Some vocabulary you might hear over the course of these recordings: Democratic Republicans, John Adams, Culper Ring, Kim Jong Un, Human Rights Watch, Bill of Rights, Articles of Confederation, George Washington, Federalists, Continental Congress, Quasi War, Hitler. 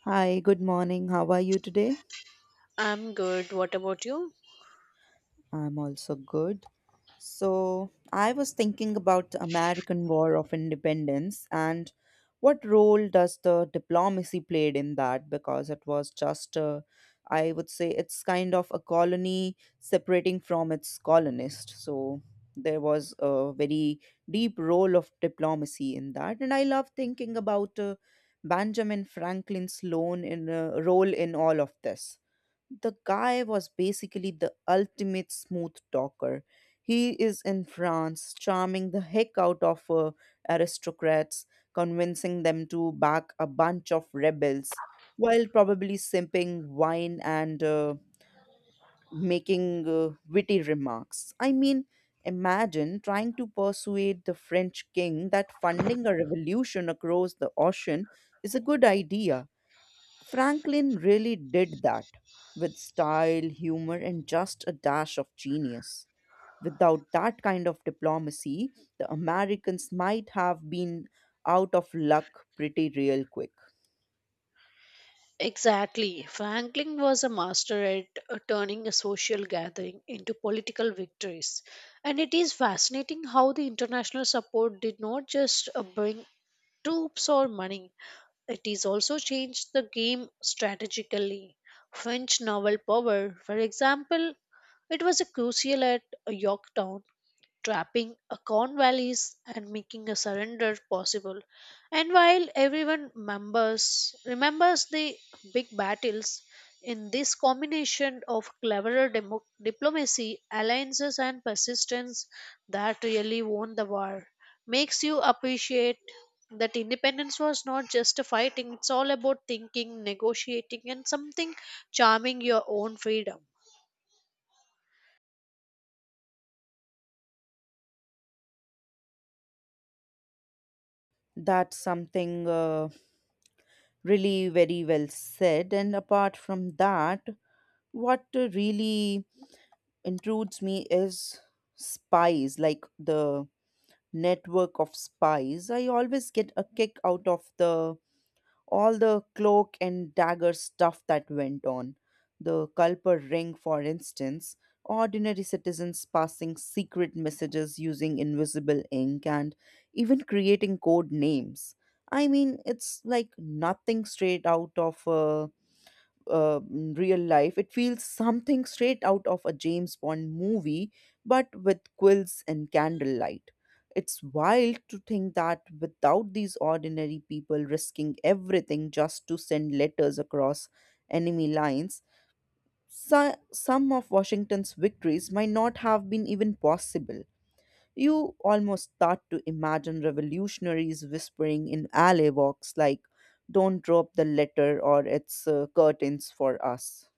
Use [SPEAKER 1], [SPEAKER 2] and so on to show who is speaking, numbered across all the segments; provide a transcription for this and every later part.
[SPEAKER 1] Hi, good morning. How are you today?
[SPEAKER 2] I'm good. What about you?
[SPEAKER 1] I'm also good. So, I was thinking about the American War of Independence and what role does the diplomacy played in that because it was just a, I would say it's kind of a colony separating from its colonist. So, there was a very deep role of diplomacy in that, and I love thinking about Benjamin Franklin's loan in role in all of this. The guy was basically the ultimate smooth talker. He is in France, charming the heck out of aristocrats, convincing them to back a bunch of rebels, while probably simping wine and making witty remarks. I mean, imagine trying to persuade the French king that funding a revolution across the ocean is a good idea. Franklin really did that with style, humor, and just a dash of genius. Without that kind of diplomacy, the Americans might have been out of luck pretty real quick.
[SPEAKER 2] Exactly. Franklin was a master at turning a social gathering into political victories. And it is fascinating how the international support did not just bring troops or money, it is also changed the game strategically. French naval power, for example, it was a crucial at Yorktown, trapping a Cornwallis and making a surrender possible. And while everyone members remembers the big battles, in this combination of cleverer diplomacy, alliances, and persistence that really won the war makes you appreciate that independence was not just a fighting, it's all about thinking, negotiating, and something charming your own freedom.
[SPEAKER 1] That's something really very well said. And apart from that, what really intrudes me is spies, like the network of spies. I always get a kick out of the all the cloak and dagger stuff that went on. The Culper Ring, for instance, ordinary citizens passing secret messages using invisible ink and even creating code names. I mean, it's like nothing straight out of a real life. It feels something straight out of a James Bond movie, but with quills and candlelight. It's wild to think that without these ordinary people risking everything just to send letters across enemy lines, some of Washington's victories might not have been even possible. You almost start to imagine revolutionaries whispering in alley walks like, don't drop the letter or it's curtains for us.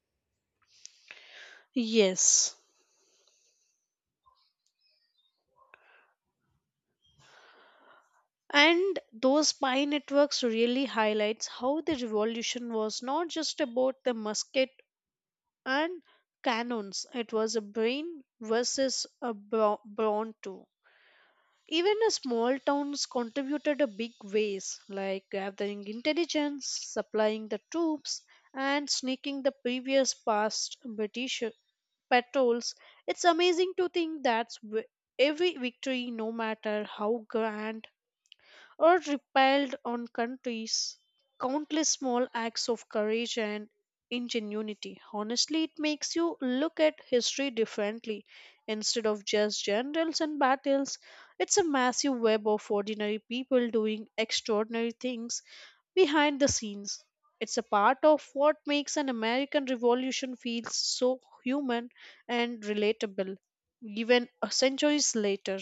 [SPEAKER 2] Yes, and those spy networks really highlights how the revolution was not just about the musket and cannons. It was a brain versus a brawn too. Even a small towns contributed a big ways, like gathering intelligence, supplying the troops, and sneaking the previous past British patrols. It's amazing to think that every victory, no matter how grand or repelled on countries, countless small acts of courage and ingenuity, honestly, it makes you look at history differently. Instead of just generals and battles, it's a massive web of ordinary people doing extraordinary things behind the scenes. It's a part of what makes an American revolution feel so human and relatable, even centuries later.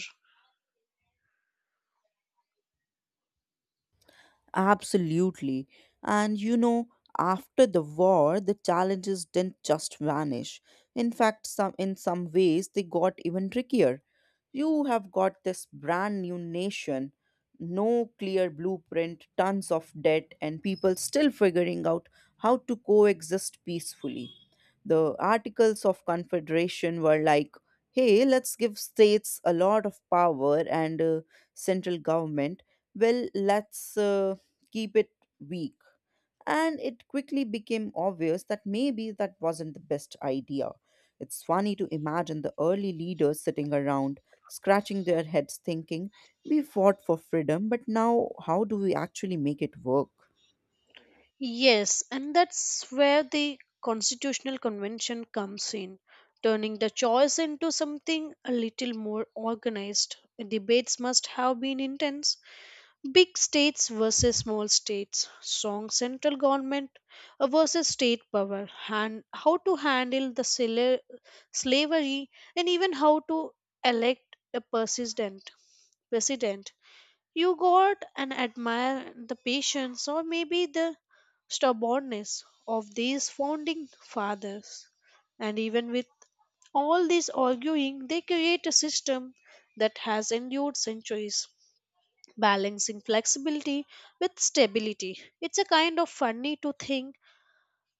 [SPEAKER 1] Absolutely. And you know, after the war, the challenges didn't just vanish. In fact, some ways they got even trickier. You have got this brand new nation, no clear blueprint, tons of debt, and people still figuring out how to coexist peacefully. The Articles of Confederation were like, hey, let's give states a lot of power and central government. Well, let's. Keep it weak. And it quickly became obvious that maybe that wasn't the best idea. It's funny to imagine the early leaders sitting around, scratching their heads, thinking, we fought for freedom, but now how do we actually make it work?
[SPEAKER 2] Yes, and that's where the Constitutional Convention comes in, turning the choice into something a little more organized. Debates must have been intense. Big states versus small states, strong central government versus state power, and how to handle the slavery, and even how to elect a persistent president. You got and admire the patience, or maybe the stubbornness of these founding fathers. And even with all this arguing, they create a system that has endured centuries, balancing flexibility with stability. It's a kind of funny to think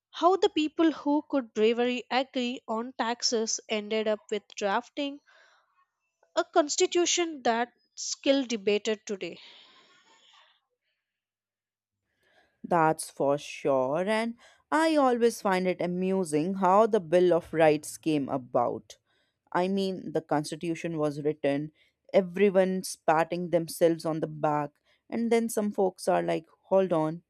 [SPEAKER 2] how the people who could bravery agree on taxes ended up with drafting a constitution that still debated today.
[SPEAKER 1] That's for sure, and I always find it amusing how the Bill of Rights came about. I mean, the Constitution was written, everyone patting themselves on the back, and then some folks are like, hold on,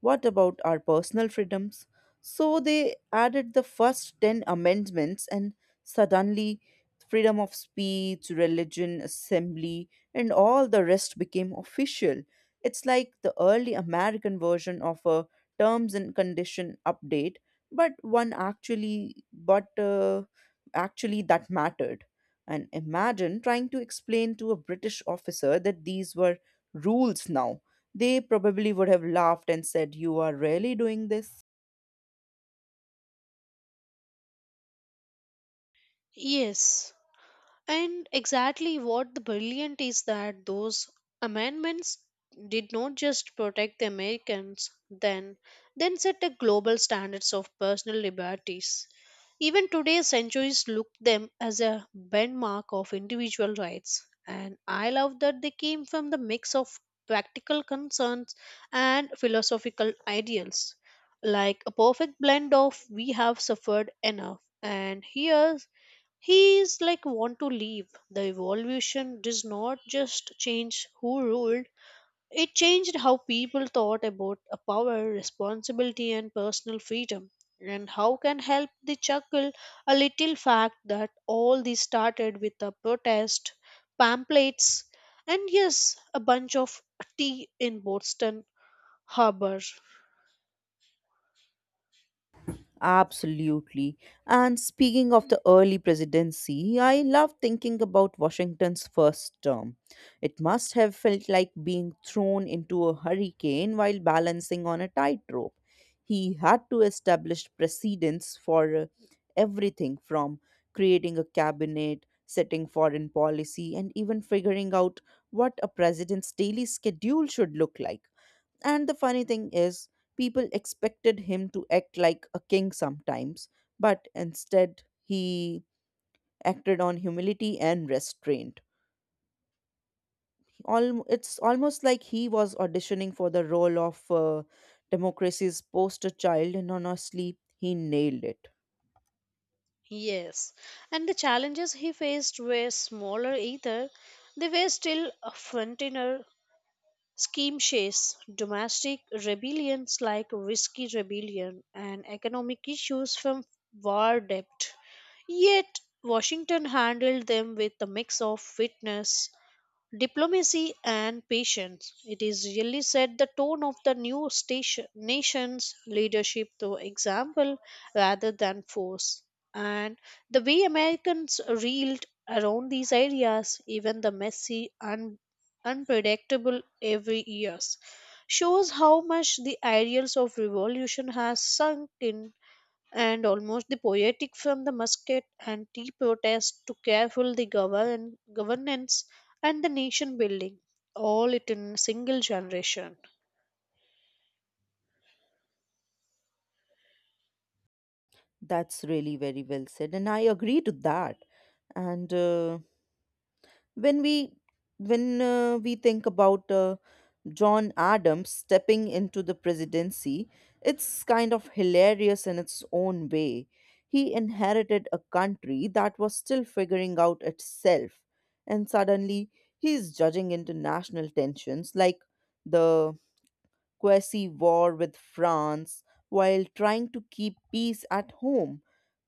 [SPEAKER 1] what about our personal freedoms? So they added the first 10 amendments, and suddenly, freedom of speech, religion, assembly, and all the rest became official. It's like the early American version of a terms and condition update, but actually that mattered. And imagine trying to explain to a British officer that these were rules now. They probably would have laughed and said, you are really doing this?
[SPEAKER 2] Yes, and exactly what the brilliant is that those amendments did not just protect the Americans then set the global standards of personal liberties. Even today, centuries look them as a benchmark of individual rights. And I love that they came from the mix of practical concerns and philosophical ideals, like a perfect blend of we have suffered enough and here he is like want to leave. The evolution does not just change who ruled, it changed how people thought about a power, responsibility, and personal freedom. And how can help the chuckle a little fact that all this started with a protest, pamphlets, and yes, a bunch of tea in Boston Harbor.
[SPEAKER 1] Absolutely. And speaking of the early presidency, I love thinking about Washington's first term. It must have felt like being thrown into a hurricane while balancing on a tightrope. He had to establish precedents for everything from creating a cabinet, setting foreign policy, and even figuring out what a president's daily schedule should look like. And the funny thing is, people expected him to act like a king sometimes, but instead he acted on humility and restraint. It's almost like he was auditioning for the role of democracy's poster child, and honestly, he nailed it.
[SPEAKER 2] Yes, and the challenges he faced were smaller either. They were still a frontier skirmishes, domestic rebellions like Whiskey Rebellion, and economic issues from war debt. Yet, Washington handled them with a mix of fitness diplomacy and patience. It is really set the tone of the new station, nation's leadership through example rather than force. And the way Americans reeled around these ideas, even the messy and unpredictable every years, shows how much the ideals of revolution has sunk in and almost the poetic from the musket and tea protest to careful the governance and the nation building, all it in single generation.
[SPEAKER 1] That's really very well said, and I agree to that. And when we when we think about John Adams stepping into the presidency. It's kind of hilarious in its own way. He inherited a country that was still figuring out itself, and suddenly he's judging international tensions like the Quasi War with France while trying to keep peace at home.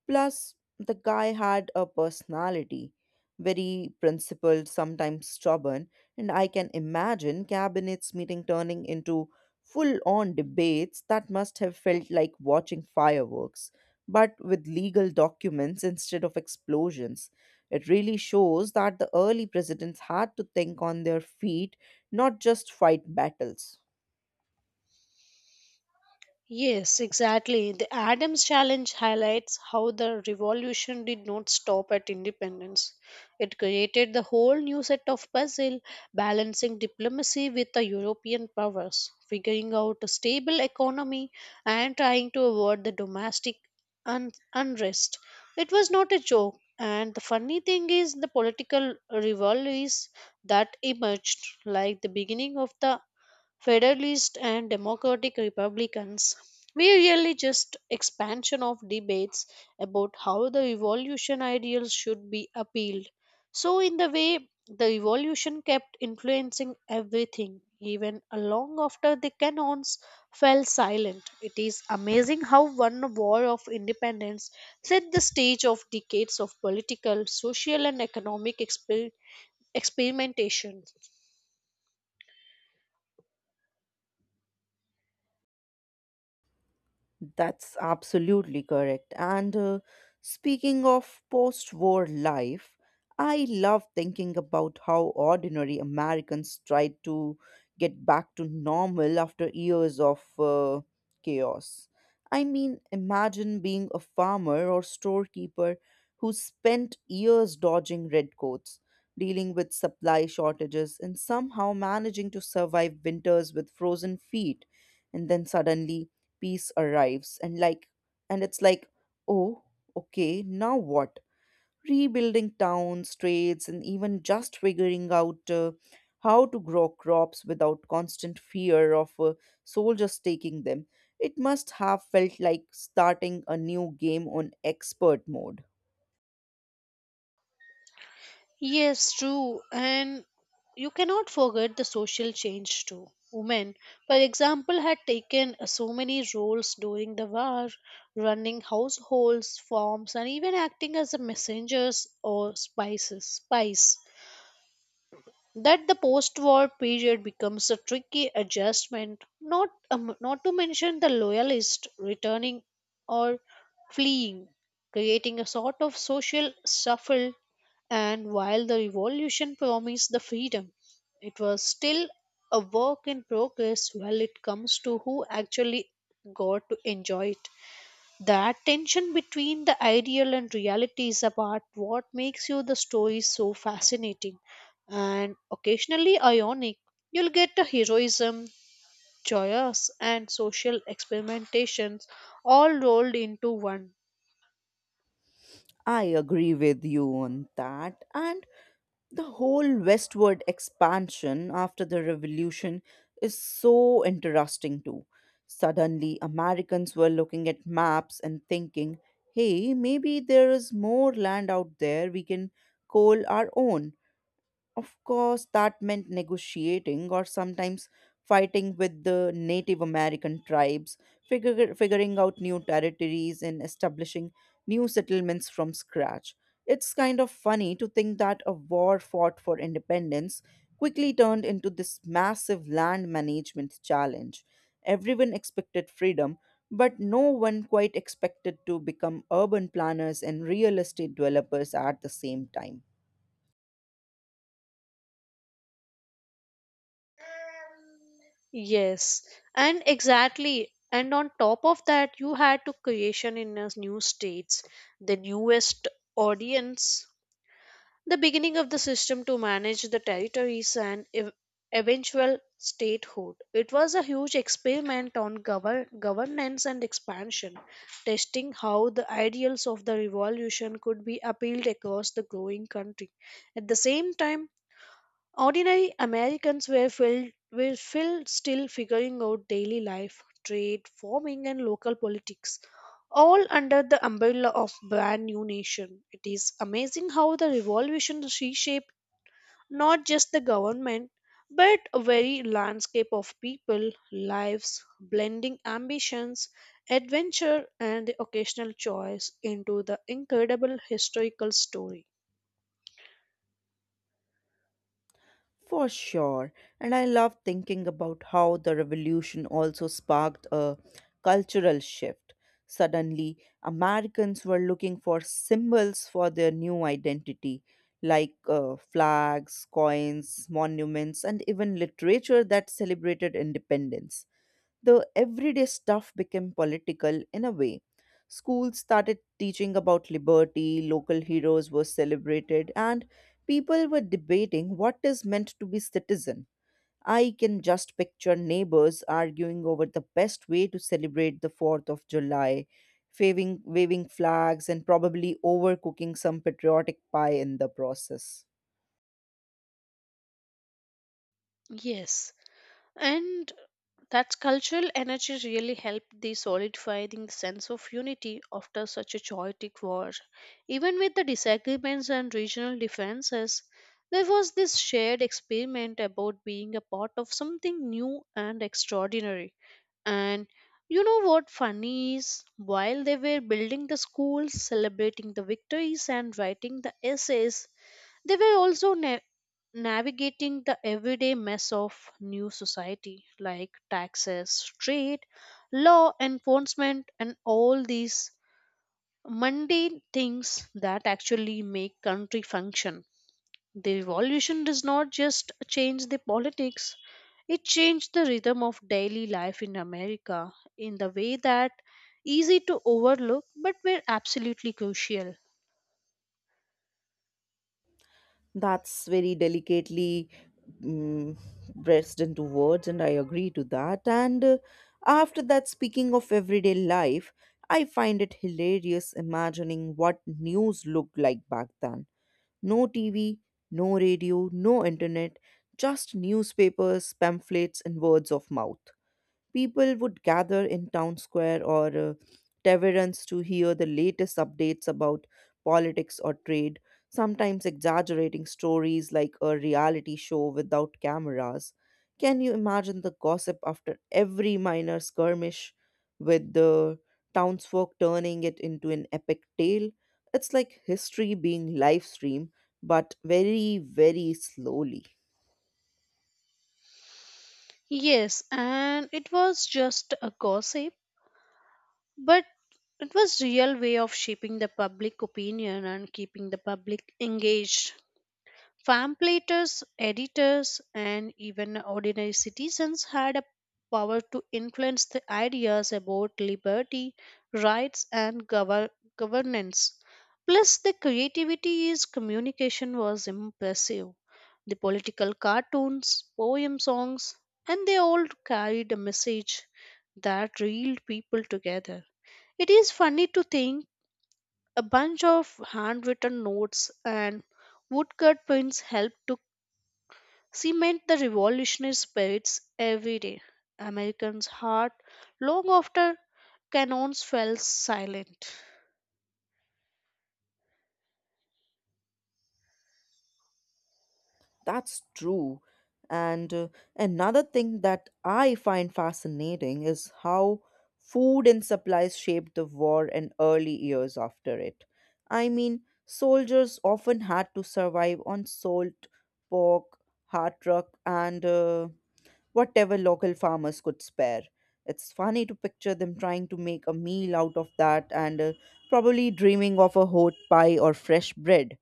[SPEAKER 1] Plus, the guy had a personality, very principled, sometimes stubborn, and I can imagine cabinets meeting turning into full on debates that must have felt like watching fireworks, but with legal documents instead of explosions. It really shows that the early presidents had to think on their feet, not just fight battles.
[SPEAKER 2] Yes, exactly. The Adams Challenge highlights how the revolution did not stop at independence. It created the whole new set of puzzle, balancing diplomacy with the European powers, figuring out a stable economy, and trying to avoid the domestic unrest. It was not a joke, and the funny thing is the political rivalries that emerged, like the beginning of the Federalists and Democratic Republicans, were really just expansion of debates about how the revolution ideals should be appealed. So in the way the revolution kept influencing everything, even long after the canons fell silent. It is amazing how one war of independence set the stage of decades of political, social and economic experimentation.
[SPEAKER 1] That's absolutely correct. And speaking of post war life, I love thinking about how ordinary Americans tried to get back to normal after years of chaos. I mean, imagine being a farmer or storekeeper who spent years dodging redcoats, dealing with supply shortages, and somehow managing to survive winters with frozen feet. And then suddenly, piece arrives and it's like, oh, okay, now what? Rebuilding towns, trades, and even just figuring out how to grow crops without constant fear of soldiers taking them. It must have felt like starting a new game on expert mode.
[SPEAKER 2] Yes, true. And you cannot forget the social change too. Women, for example, had taken so many roles during the war, running households, farms, and even acting as the messengers or spies, that the post-war period becomes a tricky adjustment. Not not to mention the loyalists returning or fleeing, creating a sort of social shuffle. And while the revolution promised the freedom, it was still a work in progress while it comes to who actually got to enjoy it. That tension between the ideal and reality is about what makes you the story so fascinating and occasionally ionic. You'll get a heroism, joyous, and social experimentations, all rolled into one.
[SPEAKER 1] I agree with you on that. And the whole westward expansion after the revolution is so interesting too. Suddenly, Americans were looking at maps and thinking, hey, maybe there is more land out there we can call our own. Of course, that meant negotiating or sometimes fighting with the Native American tribes, figuring out new territories, and establishing new settlements from scratch. It's kind of funny to think that a war fought for independence quickly turned into this massive land management challenge. Everyone expected freedom, but no one quite expected to become urban planners and real estate developers at the same time.
[SPEAKER 2] Yes, and exactly. And on top of that, you had to creation in a new states, the newest audience, the beginning of the system to manage the territories and eventual statehood. It was a huge experiment on governance and expansion, testing how the ideals of the revolution could be appealed across the growing country. At the same time, Ordinary Americans were filled still figuring out daily life, trade, farming and local politics, all under the umbrella of brand new nation. It is amazing how the revolution reshaped not just the government but a very landscape of people, lives, blending ambitions, adventure and the occasional choice into the incredible historical story.
[SPEAKER 1] For sure. And I love thinking about how the revolution also sparked a cultural shift. Suddenly, Americans were looking for symbols for their new identity, like flags, coins, monuments, and even literature that celebrated independence. The everyday stuff became political in a way. Schools started teaching about liberty, local heroes were celebrated, and people were debating what is meant to be citizen. I can just picture neighbors arguing over the best way to celebrate the 4th of July, waving flags, and probably overcooking some patriotic pie in the process.
[SPEAKER 2] Yes, and that cultural energy really helped the solidifying sense of unity after such a chaotic war. Even with the disagreements and regional differences, there was this shared experiment about being a part of something new and extraordinary. And you know what funny is? While they were building the schools, celebrating the victories, and writing the essays, they were also navigating the everyday mess of new society like taxes, trade, law enforcement, and all these mundane things that actually make country function. The revolution does not just change the politics, it changed the rhythm of daily life in America in the way that easy to overlook but were absolutely crucial.
[SPEAKER 1] That's very delicately mm pressed into words, and I agree to that. And after that, speaking of everyday life, I find it hilarious imagining what news looked like back then. No TV, no radio, no internet, just newspapers, pamphlets, and words of mouth. People would gather in town square or taverns to hear the latest updates about politics or trade, sometimes exaggerating stories like a reality show without cameras. Can you imagine the gossip after every minor skirmish with the townsfolk turning it into an epic tale? It's like history being live streamed, but very, very slowly.
[SPEAKER 2] Yes, and it was just a gossip. But it was real way of shaping the public opinion and keeping the public engaged. Translators, editors, and even ordinary citizens had a power to influence the ideas about liberty, rights, and governance. Plus, the creativity is communication was impressive. The political cartoons, poem songs, and they all carried a message that reeled people together. It is funny to think a bunch of handwritten notes and woodcut pins helped to cement the revolutionary spirits every day. Americans' heart long after cannons fell silent.
[SPEAKER 1] That's true. And another thing that I find fascinating is how food and supplies shaped the war and early years after it. I mean, soldiers often had to survive on salt, pork, hardtack, and whatever local farmers could spare. It's funny to picture them trying to make a meal out of that, and probably dreaming of a hot pie or fresh bread.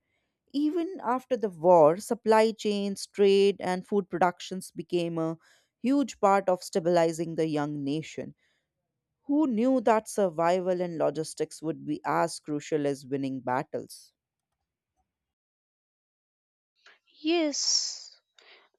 [SPEAKER 1] Even after the war, supply chains, trade, and food productions became a huge part of stabilizing the young nation. Who knew that survival and logistics would be as crucial as winning battles?
[SPEAKER 2] Yes.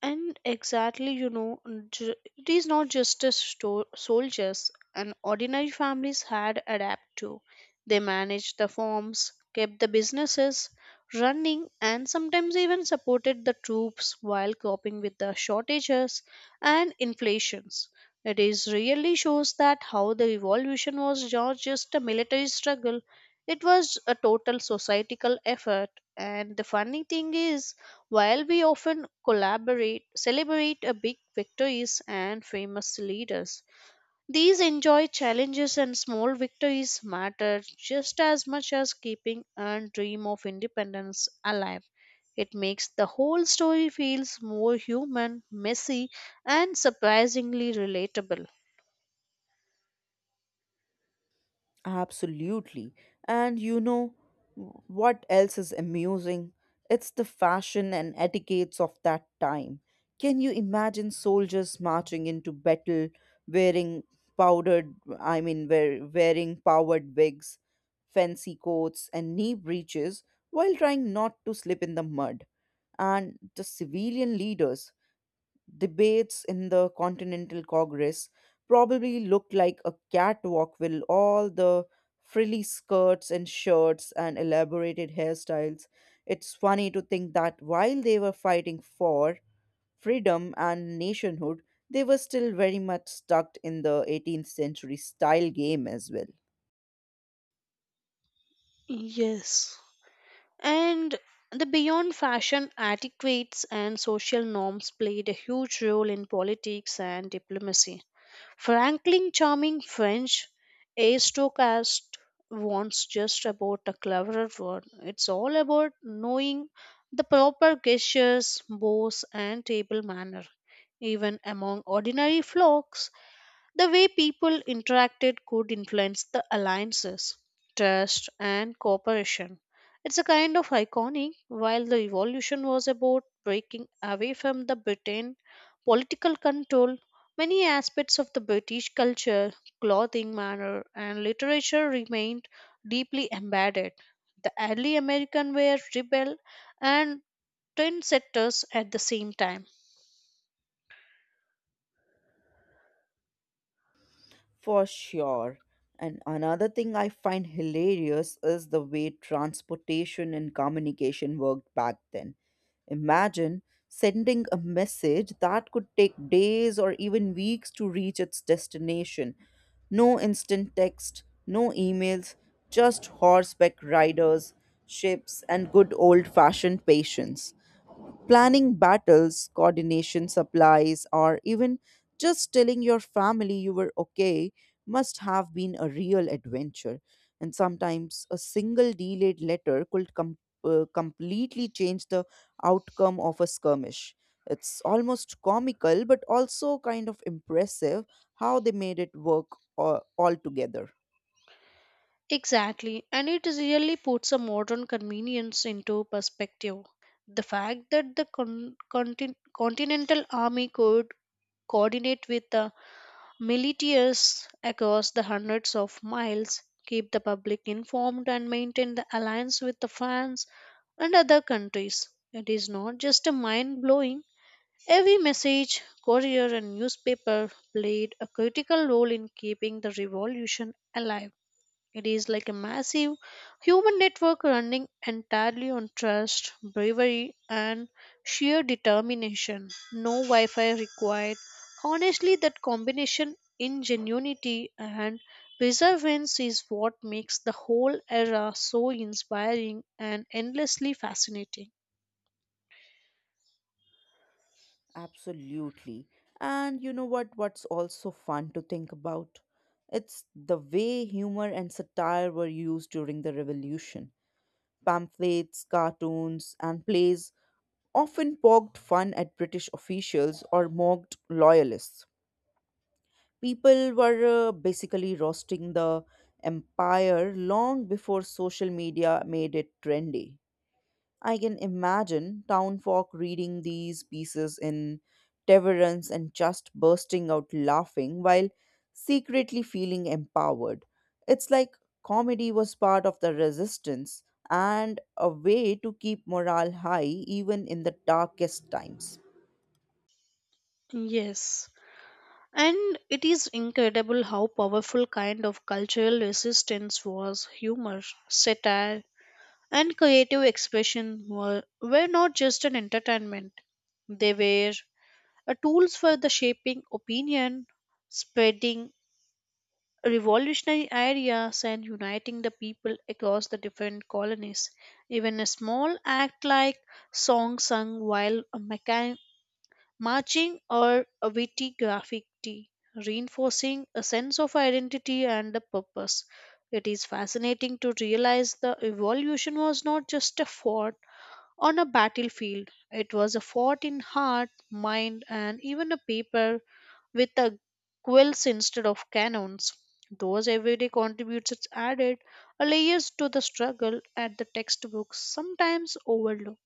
[SPEAKER 2] And exactly, you know, it is not just a soldiers, and ordinary families had adapt to. They managed the farms, kept the businesses running, and sometimes even supported the troops while coping with the shortages and inflations. It is really shows that how the revolution was not just a military struggle; it was a total societal effort. And the funny thing is while we often collaborate, celebrate a big victories and famous leaders, these enjoy challenges and small victories matter just as much as keeping a dream of independence alive. It makes the whole story feels more human, messy, and surprisingly relatable.
[SPEAKER 1] Absolutely. And you know what else is amusing? It's the fashion and etiquettes of that time. Can you imagine soldiers marching into battle wearing powdered, I mean, wear, wearing powered wigs, fancy coats, and knee breeches while trying not to slip in the mud? And the civilian leaders debates in the Continental Congress probably looked like a catwalk with all the frilly skirts and shirts and elaborated hairstyles. It's funny to think that while they were fighting for freedom and nationhood, they were still very much stuck in the 18th century style game as well.
[SPEAKER 2] Yes. And the beyond fashion etiquettes and social norms played a huge role in politics and diplomacy. Franklin charming French aristocrat wants just about a cleverer word. It's all about knowing the proper gestures, bows, and table manner. Even among ordinary flocks, the way people interacted could influence the alliances, trust, and cooperation. It's a kind of iconic, while the revolution was about breaking away from the Britain political control. Many aspects of the British culture, clothing, manner, and literature remained deeply embedded. The early Americans were rebel and trendsetters at the same time.
[SPEAKER 1] For sure. And another thing I find hilarious is the way transportation and communication worked back then. Imagine sending a message that could take days or even weeks to reach its destination. No instant text, no emails, just horseback riders, ships, and good old fashioned patience. Planning battles, coordination supplies, or even just telling your family you were okay must have been a real adventure. And sometimes a single delayed letter could completely change the outcome of a skirmish. It's almost comical, but also kind of impressive how they made it work all together.
[SPEAKER 2] Exactly, and it is really puts a modern convenience into perspective. The fact that the Continental Army could coordinate with the militias across the hundreds of miles, keep the public informed, and maintain the alliance with the France and other countries. It is not just a mind blowing. Every message, courier, and newspaper played a critical role in keeping the revolution alive. It is like a massive human network running entirely on trust, bravery, and sheer determination. No Wi Fi required. Honestly, that combination ingenuity and perseverance is what makes the whole era so inspiring and endlessly fascinating.
[SPEAKER 1] Absolutely. And you know what? What's also fun to think about? It's the way humor and satire were used during the revolution. Pamphlets, cartoons, and plays often poked fun at British officials or mocked loyalists. People were basically roasting the empire long before social media made it trendy. I can imagine town folk reading these pieces in Temperance and just bursting out laughing while secretly feeling empowered. It's like comedy was part of the resistance and a way to keep morale high even in the darkest times.
[SPEAKER 2] Yes. And it is incredible how powerful kind of cultural resistance was humor, satire, and creative expression were not just an entertainment, they were a tools for the shaping opinion, spreading revolutionary ideas, and uniting the people across the different colonies. Even a small act like song sung while a marching or a witty graffiti, reinforcing a sense of identity and the purpose. It is fascinating to realize the evolution was not just a thought on a battlefield. It was a fought in heart, mind, and even a paper with a quills instead of cannons. Those everyday contributions added a layers to the struggle at the textbooks sometimes overlook.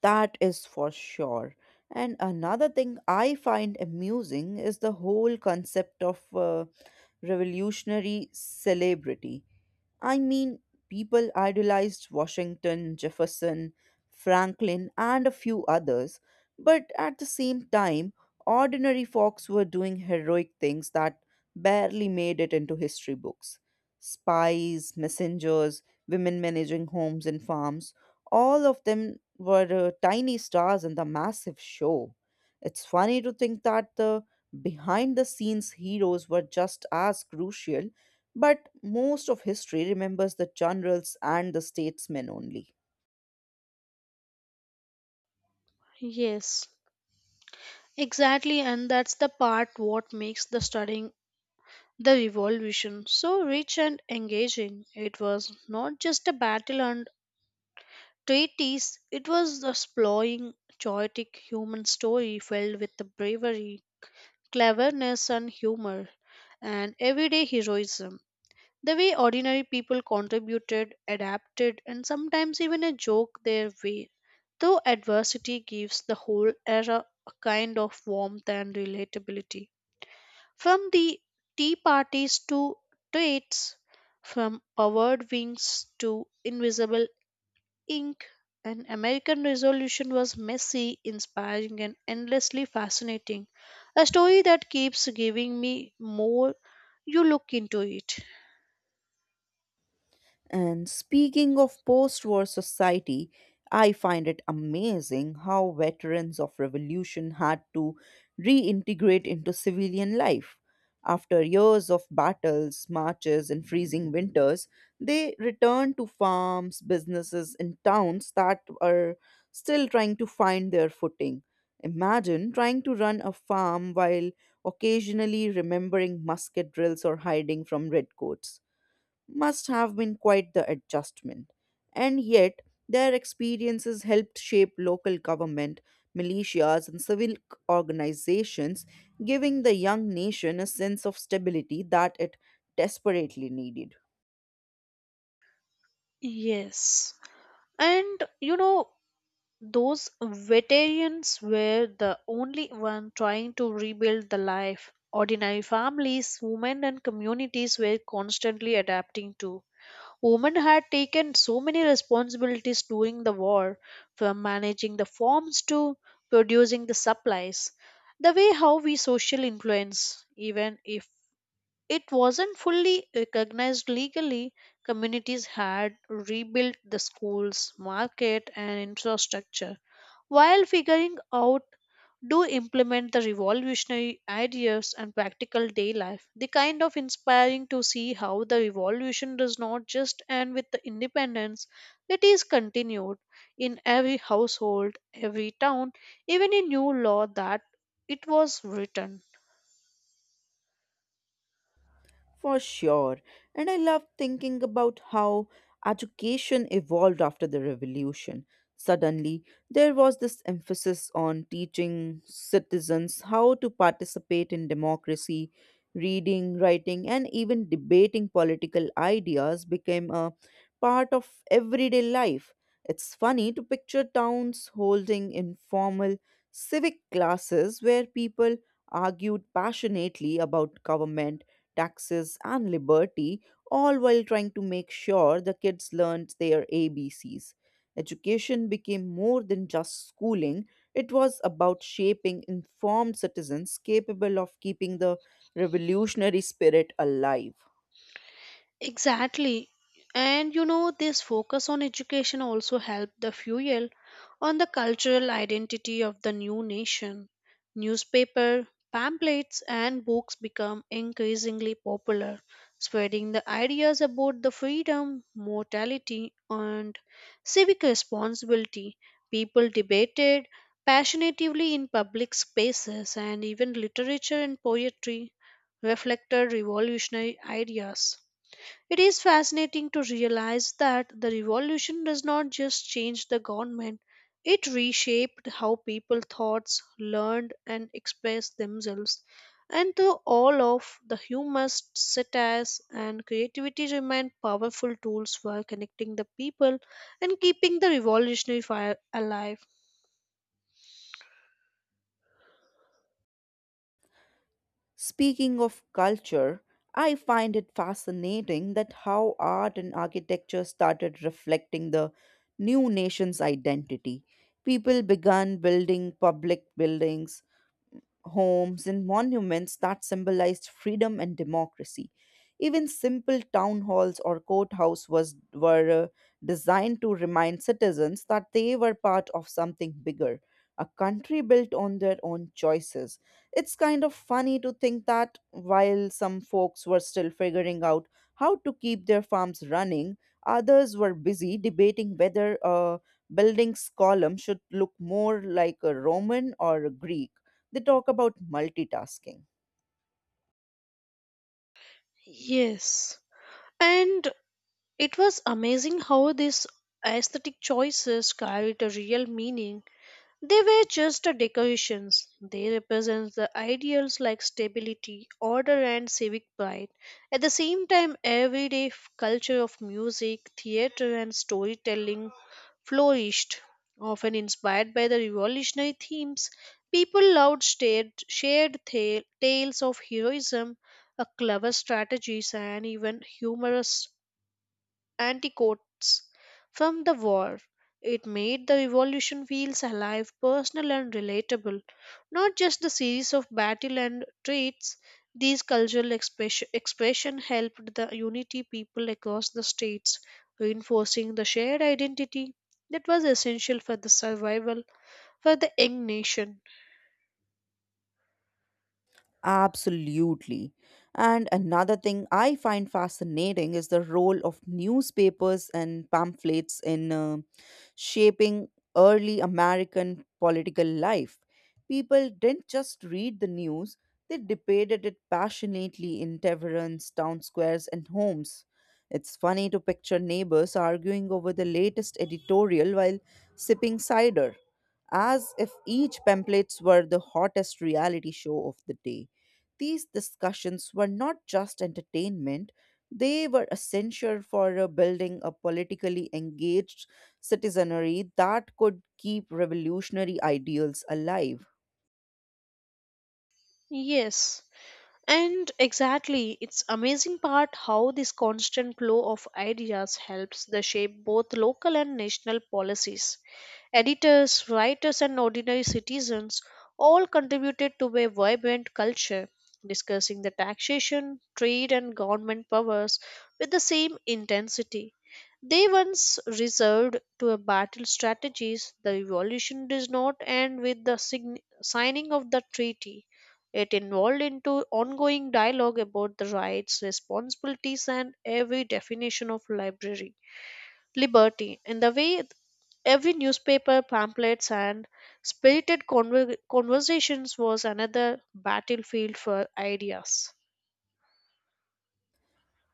[SPEAKER 1] That is for sure. And another thing I find amusing is the whole concept of revolutionary celebrity. I mean, people idolized Washington, Jefferson, Franklin, and a few others, but at the same time, ordinary folks were doing heroic things that barely made it into history books. Spies, messengers, women managing homes and farms, all of them were tiny stars in the massive show. It's funny to think that the behind the scenes heroes were just as crucial but most of history remembers the generals and the statesmen only.
[SPEAKER 2] Yes, exactly, and that's the part what makes the studying the revolution so rich and engaging. It was not just a battle and treatise, it was exploring chaotic human story filled with the bravery, cleverness, and humor, and everyday heroism. The way ordinary people contributed, adapted, and sometimes even a joke their way. Though adversity gives the whole era a kind of warmth and relatability. From the tea parties to treats, from powered wings to invisible Inc., an American Revolution was messy, inspiring, and endlessly fascinating. A story that keeps giving me more you look into it.
[SPEAKER 1] And speaking of post war society, I find it amazing how veterans of revolution had to reintegrate into civilian life. After years of battles, marches, and freezing winters, they returned to farms, businesses, and towns that are still trying to find their footing. Imagine trying to run a farm while occasionally remembering musket drills or hiding from redcoats must have been quite the adjustment. And yet, their experiences helped shape local government, militias, and organizations, giving the young nation a sense of stability that it desperately needed.
[SPEAKER 2] Yes. And you know, those veterans were the only one trying to rebuild the life. Ordinary families, women, and communities were constantly adapting to. Women had taken so many responsibilities during the war, from managing the farms to producing the supplies. The way how we social influence, even if it wasn't fully recognized legally, communities had rebuilt the schools, market, and infrastructure while figuring out do implement the revolutionary ideas and practical day life the kind of inspiring to see how the revolution does not just end with the independence it is continued in every household every town even in new law that it was written.
[SPEAKER 1] For sure. And I love thinking about how education evolved after the revolution. Suddenly, there was this emphasis on teaching citizens how to participate in democracy. Reading, writing, and even debating political ideas became a part of everyday life. It's funny to picture towns holding informal civic classes where people argued passionately about government taxes, and liberty, all while trying to make sure the kids learned their ABCs. Education became more than just schooling, it was about shaping informed citizens capable of keeping the revolutionary spirit alive.
[SPEAKER 2] Exactly. And you know, this focus on education also helped the fuel on the cultural identity of the new nation. Newspaper, pamphlets, and books become increasingly popular, spreading the ideas about the freedom, mortality, and civic responsibility. People debated passionately in public spaces, and even literature and poetry reflected revolutionary ideas. It is fascinating to realize that the revolution does not just change the government, it reshaped how people thought, learned, and expressed themselves. And through all of the humor, satires, and creativity remain powerful tools for connecting the people and keeping the revolutionary fire alive.
[SPEAKER 1] Speaking of culture, I find it fascinating that how art and architecture started reflecting the new nation's identity. People began building public buildings, homes and monuments that symbolized freedom and democracy. Even simple town halls or courthouse was were designed to remind citizens that they were part of something bigger, a country built on their own choices. It's kind of funny to think that while some folks were still figuring out how to keep their farms running, others were busy debating whether a building's column should look more like a Roman or a Greek. They talk about multitasking.
[SPEAKER 2] Yes. And it was amazing how these aesthetic choices carried a real meaning. They were just a decorations. They represent the ideals like stability, order, and civic pride. At the same time, everyday culture of music, theater, and storytelling flourished, often inspired by the revolutionary themes. People loved tales of heroism, a clever strategies, and even humorous anticoats from the war. It made the revolution feels alive, personal, and relatable, not just the series of battle and treats. These cultural expression helped the unity people across the states, reinforcing the shared identity that was essential for the survival for the young nation.
[SPEAKER 1] Absolutely. And another thing I find fascinating is the role of newspapers and pamphlets in shaping early American political life. People didn't just read the news, they debated it passionately in taverns, town squares, and homes. It's funny to picture neighbors arguing over the latest editorial while sipping cider as if each pamphlets were the hottest reality show of the day. These discussions were not just entertainment, they were essential for building a politically engaged citizenry that could keep revolutionary ideals alive.
[SPEAKER 2] Yes. And exactly, it's amazing part how this constant flow of ideas helps the shape both local and national policies. Editors, writers, and ordinary citizens all contributed to a vibrant culture, discussing the taxation, trade, and government powers with the same intensity they once reserved to a battle strategies the revolution did not end with the signing of the treaty it evolved into ongoing dialogue about the rights responsibilities and every definition of library liberty in the way. Every newspaper, pamphlets, and spirited conversations was another battlefield for ideas.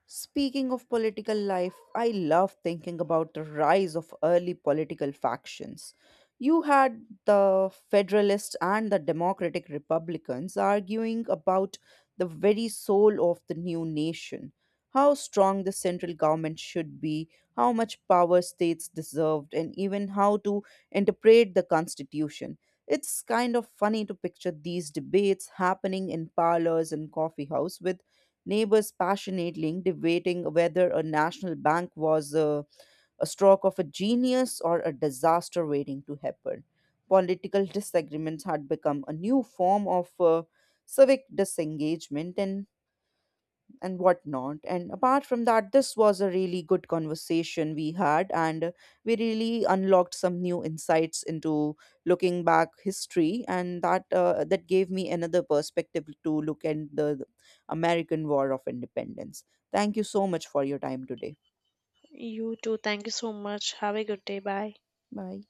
[SPEAKER 1] Speaking of political life, I love thinking about the rise of early political factions. You had the Federalists and the Democratic Republicans arguing about the very soul of the new nation how strong the central government should be, how much power states deserved, and even how to interpret the constitution. It's kind of funny to picture these debates happening in parlors and coffee house with neighbors passionately debating whether a national bank was a stroke of a genius or a disaster waiting to happen. Political disagreements had become a new form of civic disengagement, and whatnot. And apart from that, this was a really good conversation we had, and we really unlocked some new insights into looking back history, and that gave me another perspective to look at the American War of Independence. Thank you so much for your time today.
[SPEAKER 2] You too. Thank you so much. Have a good day. Bye.
[SPEAKER 1] Bye.